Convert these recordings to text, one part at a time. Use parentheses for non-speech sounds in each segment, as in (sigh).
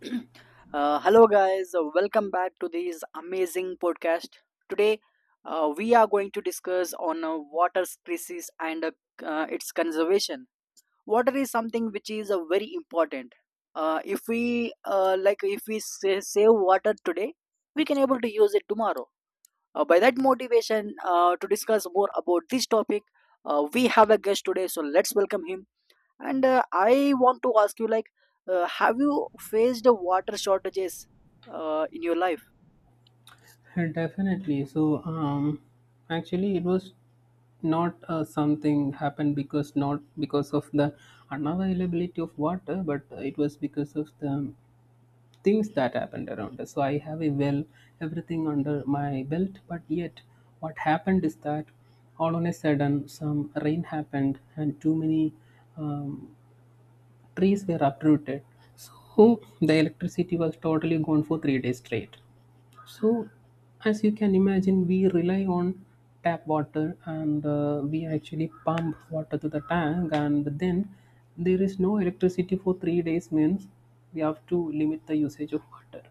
(clears throat) Hello, guys. Welcome back to this amazing podcast. Today, we are going to discuss on water crisis and its conservation. Water is something which is very important. If we save water today, we can able to use it tomorrow. By that motivation, to discuss more about this topic, we have a guest today. So let's welcome him. And I want to ask you, like, have you faced the water shortages in your life? (laughs) Definitely. So actually, it was not something happened because not because of the unavailability of water, but it was because of the things that happened around us. So I have a well, everything under my belt, but yet what happened is that all on a sudden some rain happened and too many um, trees were uprooted. So the electricity was totally gone for 3 days straight. So, as you can imagine, we rely on tap water and we actually pump water to the tank, and then there is no electricity for 3 days, means we have to limit the usage of water.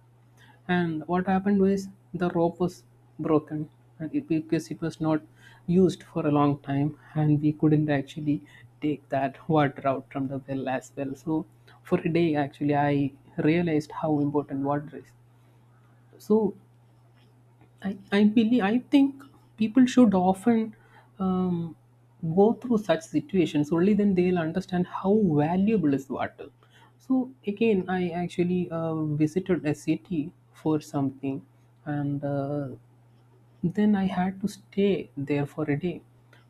And what happened was the rope was broken and it, because it was not used for a long time, and we couldn't actually take that (laughs) water out from the well as well. So, for a day, actually, I realized how important water is. So, I think people should often um, go through such situations. Only then they'll understand how valuable is water. So again, I actually visited a city for something, and then I had to stay there for a day.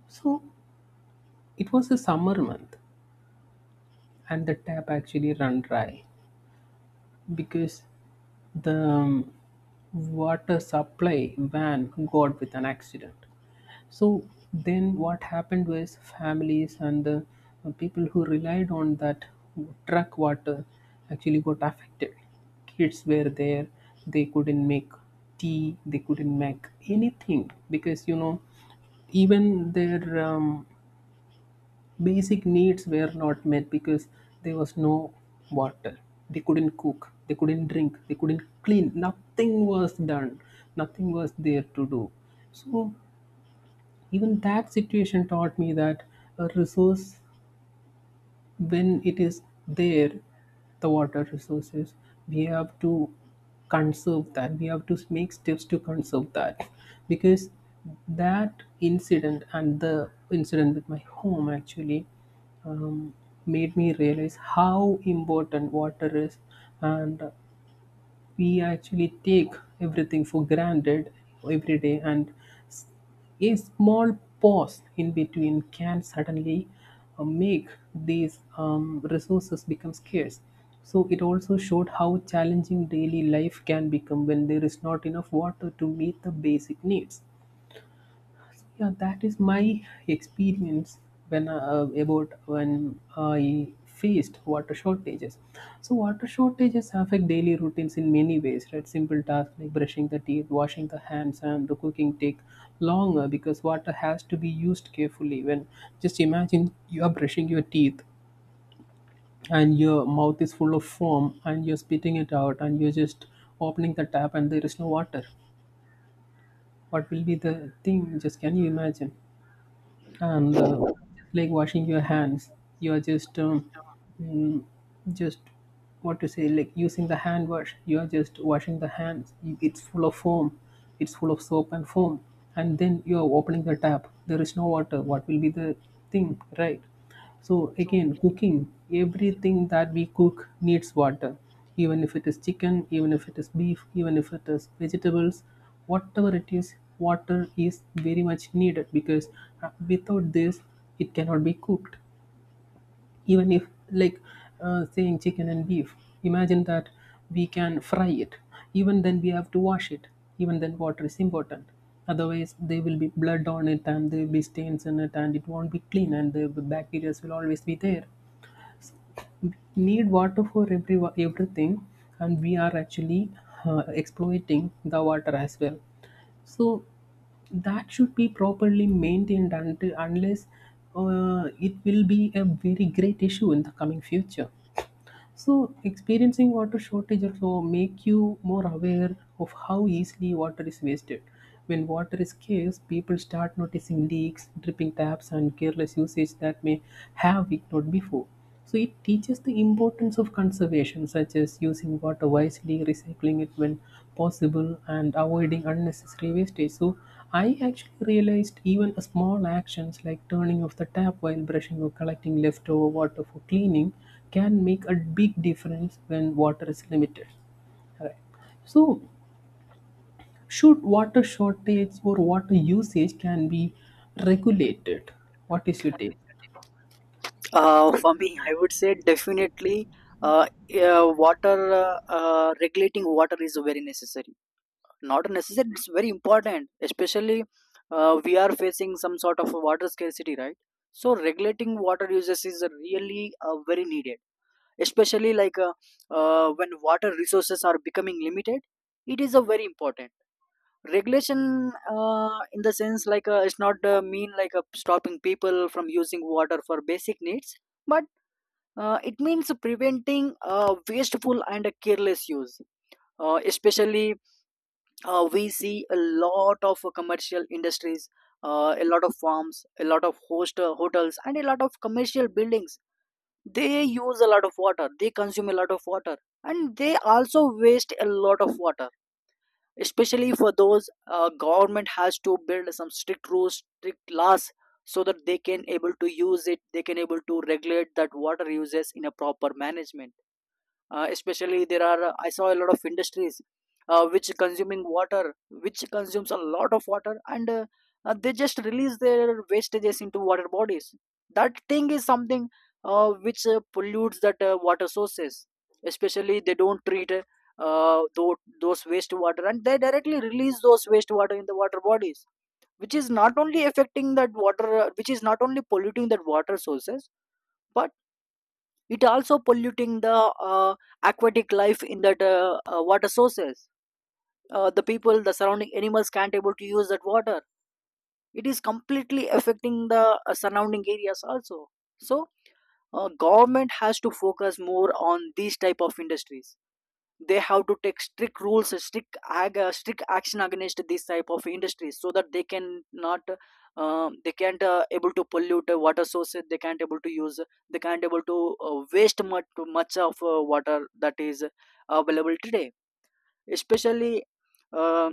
So it was a summer month, and the tap actually run dry because the water supply van got with an accident. So then what happened was families and the people who relied on that truck water actually got affected. Kids were there, they couldn't make tea, they couldn't make anything because you know even their basic needs were not met because there was no water. They couldn't cook, they couldn't drink, they couldn't clean, nothing was done, nothing was there to do. So even that situation taught me that a resource, when it is there, the water resources, we have to conserve that, we have to make steps to conserve that, because that incident and the incident with my home actually um, made me realize how important water is. And we actually take everything for granted every day, and s- a small pause in between can suddenly make these resources become scarce. So it also showed how challenging daily life can become when there is not enough water to meet the basic needs. Yeah, that is my experience when about when I faced water shortages. So water shortages affect daily routines in many ways, right? Simple tasks like brushing the teeth, washing the hands, and the cooking take longer because water has to be used carefully. When just imagine you are brushing your teeth and your mouth is full of foam and you're spitting it out and you're just opening the tap and there is no water. What will be the thing? Just can you imagine? And like washing your hands, you are just mm, just what to say, like using the hand wash, you are just washing the hands. You- it's full of foam, it's full of soap and foam, and then you are opening the tap, there is no water, what will be the thing, right? So So, again, cooking, everything that we cook needs water. Even if it is chicken, even if it is beef, even if it is vegetables, whatever it is, water is very much needed because without this, it cannot be cooked. Even if like saying chicken and beef, imagine that we can fry it, even then we have to wash it, even then water is important. Otherwise there will be blood on it and there will be stains in it and it won't be clean, and the bacteria will always be there. Need water for everything. And we are actually exploiting the water as well. So that should be properly maintained, until unless it will be a very great issue in the coming future. So, experiencing water shortage also make you more aware of how easily water is wasted. When water is scarce, people start noticing leaks, dripping taps, and careless usage that may have ignored before. So, it teaches the importance of conservation, such as using water wisely, recycling it when possible, and avoiding unnecessary wastage. So, I actually realized even small actions like turning off the tap while brushing or collecting leftover water for cleaning can make a big difference when water is limited. Right. So, should water shortage or water usage can be regulated? What is your take? For me, I would say definitely, uh, water regulating water is very necessary. Not necessary, it's very important. Especially we are facing some sort of water scarcity, right? So regulating water uses is really very needed. Especially, like, when water resources are becoming limited, it is a very important regulation in the sense, like, it's not mean, like, stopping people from using water for basic needs, but it means preventing wasteful and careless use. Especially, we see a lot of commercial industries, a lot of farms, a lot of host hotels, and a lot of commercial buildings. They use a lot of water, they consume a lot of water, and they also waste a lot of water. Especially for those, government has to build some strict rules, strict laws so that they can able to use it, they can able to regulate that water uses in a proper management. Especially, there are, I saw a lot of industries, which consuming water, which consumes a lot of water, and they just release their wastages into water bodies. That thing is something which pollutes that water sources. Especially, they don't treat those wastewater, and they directly release those wastewater in the water bodies, which is not only affecting that water, which is not only polluting that water sources, but it also polluting the aquatic life in that water sources. The people, the surrounding animals can't able to use that water. It is completely affecting the surrounding areas also. So, government has to focus more on these type of industries. They have to take strict rules, strict strict action against these type of industries so that they can not, they can't able to pollute water sources, they can't able to use, they can't able to waste much of water that is available today. Especially, uh,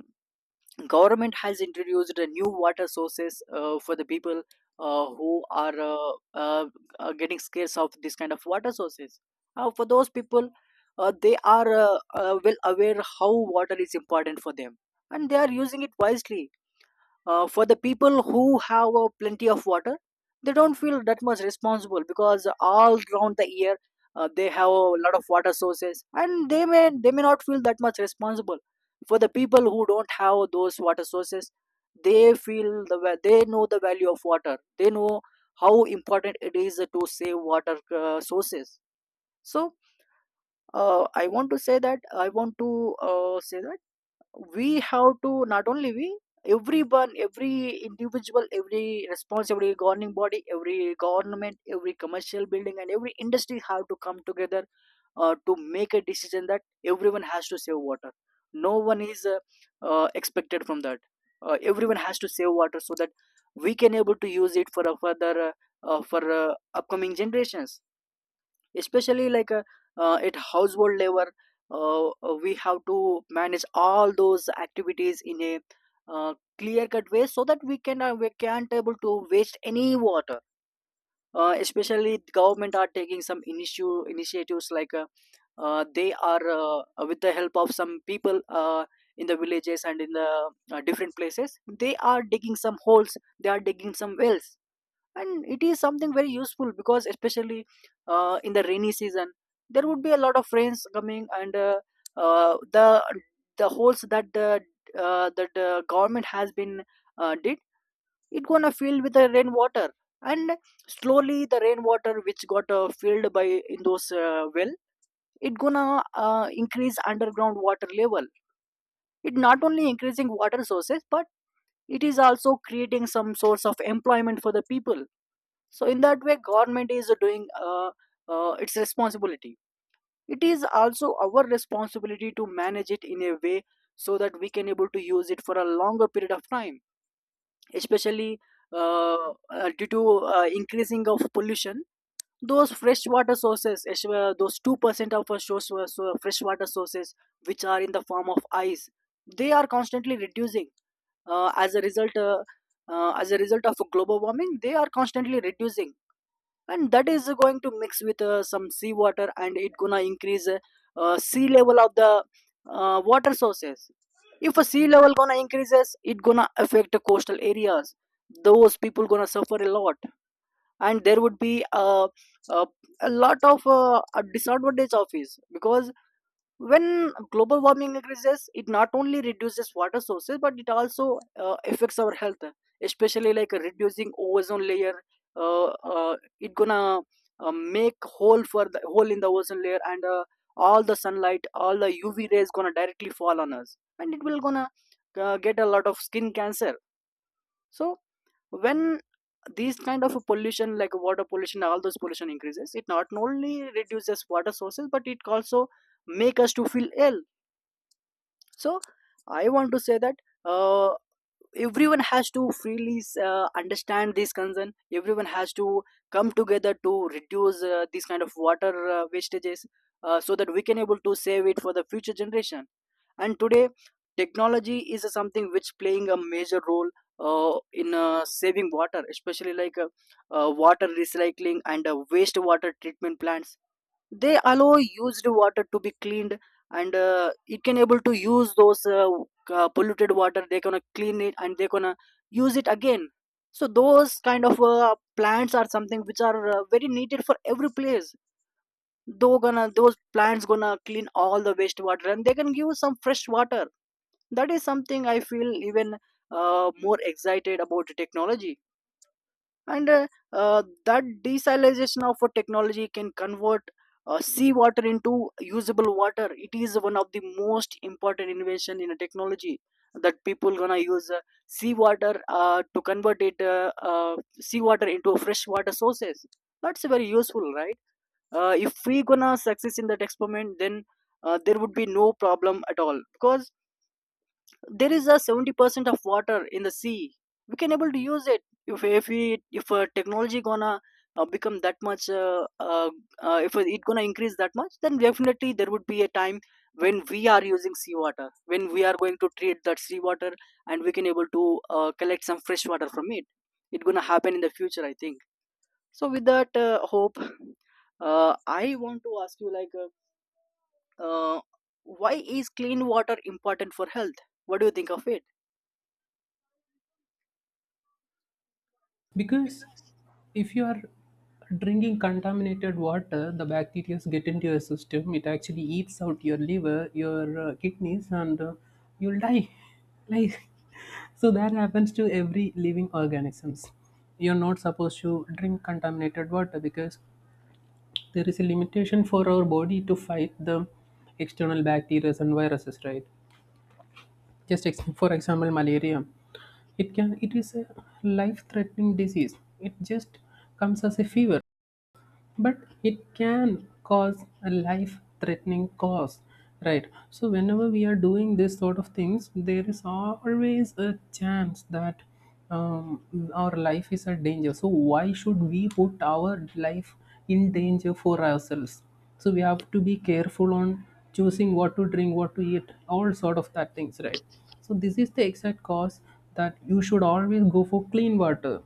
government has introduced a new water sources for the people who are getting scarce of this kind of water sources. For those people, they are well aware how water is important for them, and they are using it wisely. For the people who have plenty of water, they don't feel that much responsible, because all around the year they have a lot of water sources, and they may not feel that much responsible. For the people who don't have those water sources, they feel the they know the value of water, they know how important it is to save water sources. So, I want to say that, I want to say that we have to, not only we, everyone, every individual, every response, every governing body, every government, every commercial building, and every industry have to come together to make a decision that everyone has to save water. No one is expected from that. Everyone has to save water so that we can able to use it for a further, for upcoming generations. Especially, like, at household level, we have to manage all those activities in a clear cut way, so that we can, we can't able to waste any water. Especially the government are taking some initio- initiatives, like, they are, with the help of some people in the villages and in the different places, they are digging some holes, they are digging some wells, and it is something very useful, because especially in the rainy season there would be a lot of rains coming, and uh, the the holes that the, that the government has been did, it gonna filled with the rainwater. And slowly, the rainwater which got filled by in those well, it gonna increase underground water level. It not only increasing water sources, but it is also creating some source of employment for the people. So, in that way, government is doing its responsibility. It is also our responsibility to manage it in a way, so that we can able to use it for a longer period of time. Especially, uh, due to increasing of pollution, those freshwater sources as well, those 2% of our source, so freshwater sources which are in the form of ice, they are constantly reducing. As a result, as a result of global warming, they are constantly reducing, and that is going to mix with some seawater, and it gonna increase sea level of the water sources. If a sea level gonna increases, it gonna affect the coastal areas. Those people gonna suffer a lot, and there would be a, a lot of a disadvantage of it, because when global warming increases, it not only reduces water sources, but it also affects our health. Especially like reducing ozone layer, it gonna make hole for the hole in the ozone layer, and all the sunlight, all the UV rays gonna directly fall on us, and it will gonna get a lot of skin cancer. So, when these kind of pollution, like water pollution, all those pollution increases, it not only reduces water sources, but it also make us to feel ill. So, I want to say that, uh, everyone has to freely understand this concern. Everyone has to come together to reduce this kind of water wastages, so that we can able to save it for the future generation. And today, technology is something which playing a major role in saving water, especially like water recycling and wastewater treatment plants. They allow used water to be cleaned, and it can able to use those, polluted water, they gonna clean it, and they gonna use it again. So those kind of plants are something which are very needed for every place, though gonna those plants gonna clean all the wastewater, and they can give some fresh water. That is something I feel even more excited about the technology. And that desalination of a technology can convert sea water into usable water. It is one of the most important innovation in a technology that people gonna use sea water to convert it, seawater into fresh water sources. That's very useful, right? If we gonna success in that experiment, then there would be no problem at all, because there is a 70% of water in the sea. We can able to use it if technology gonna become that much, if it gonna increase that much, then definitely there would be a time when we are using seawater, when we are going to treat that seawater, and we can able to collect some fresh water from it. It gonna happen in the future, I think. So with that hope, I want to ask you, like, uh, why is clean water important for health? What do you think of it? Because if you are drinking contaminated water, the bacteria get into your system. It actually eats out your liver, your kidneys, and you'll die. (laughs) Like so, that happens to every living organisms. You're not supposed to drink contaminated water because there is a limitation for our body to fight the external bacteria and viruses, right? For example malaria, it can, it is a life threatening disease, it just comes as a fever, but it can cause a life threatening cause, right? So whenever we are doing this sort of things there is always a chance that um, our life is at danger, so why should we put our life in danger for ourselves? So we have to be careful on choosing what to drink, what to eat, all sort of that things, right? So this is the exact cause that you should always go for clean water,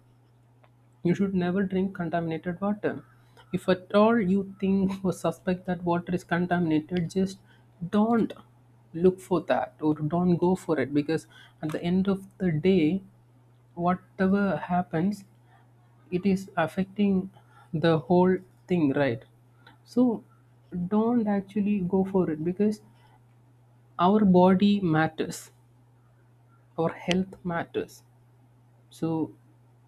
you should never drink contaminated water. If at all you think or suspect that water is contaminated, just don't look for that or don't go for it because at the end of the day, whatever happens, it is affecting the whole thing, right? So don't actually go for it because our body matters, our health matters. So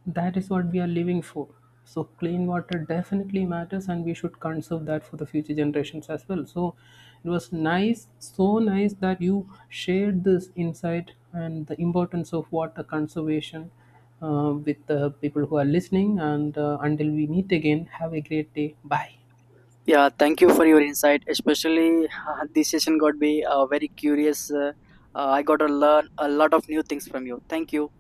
that is what we are living for. So clean water definitely matters, and we should conserve that for the future generations as well. So it was nice, so nice that you shared this insight and the importance of water conservation with the people who are listening. And until we meet again, have a great day. Bye. Yeah, thank you for your insight. Especially this session got me very curious. I got to learn a lot of new things from you. Thank you.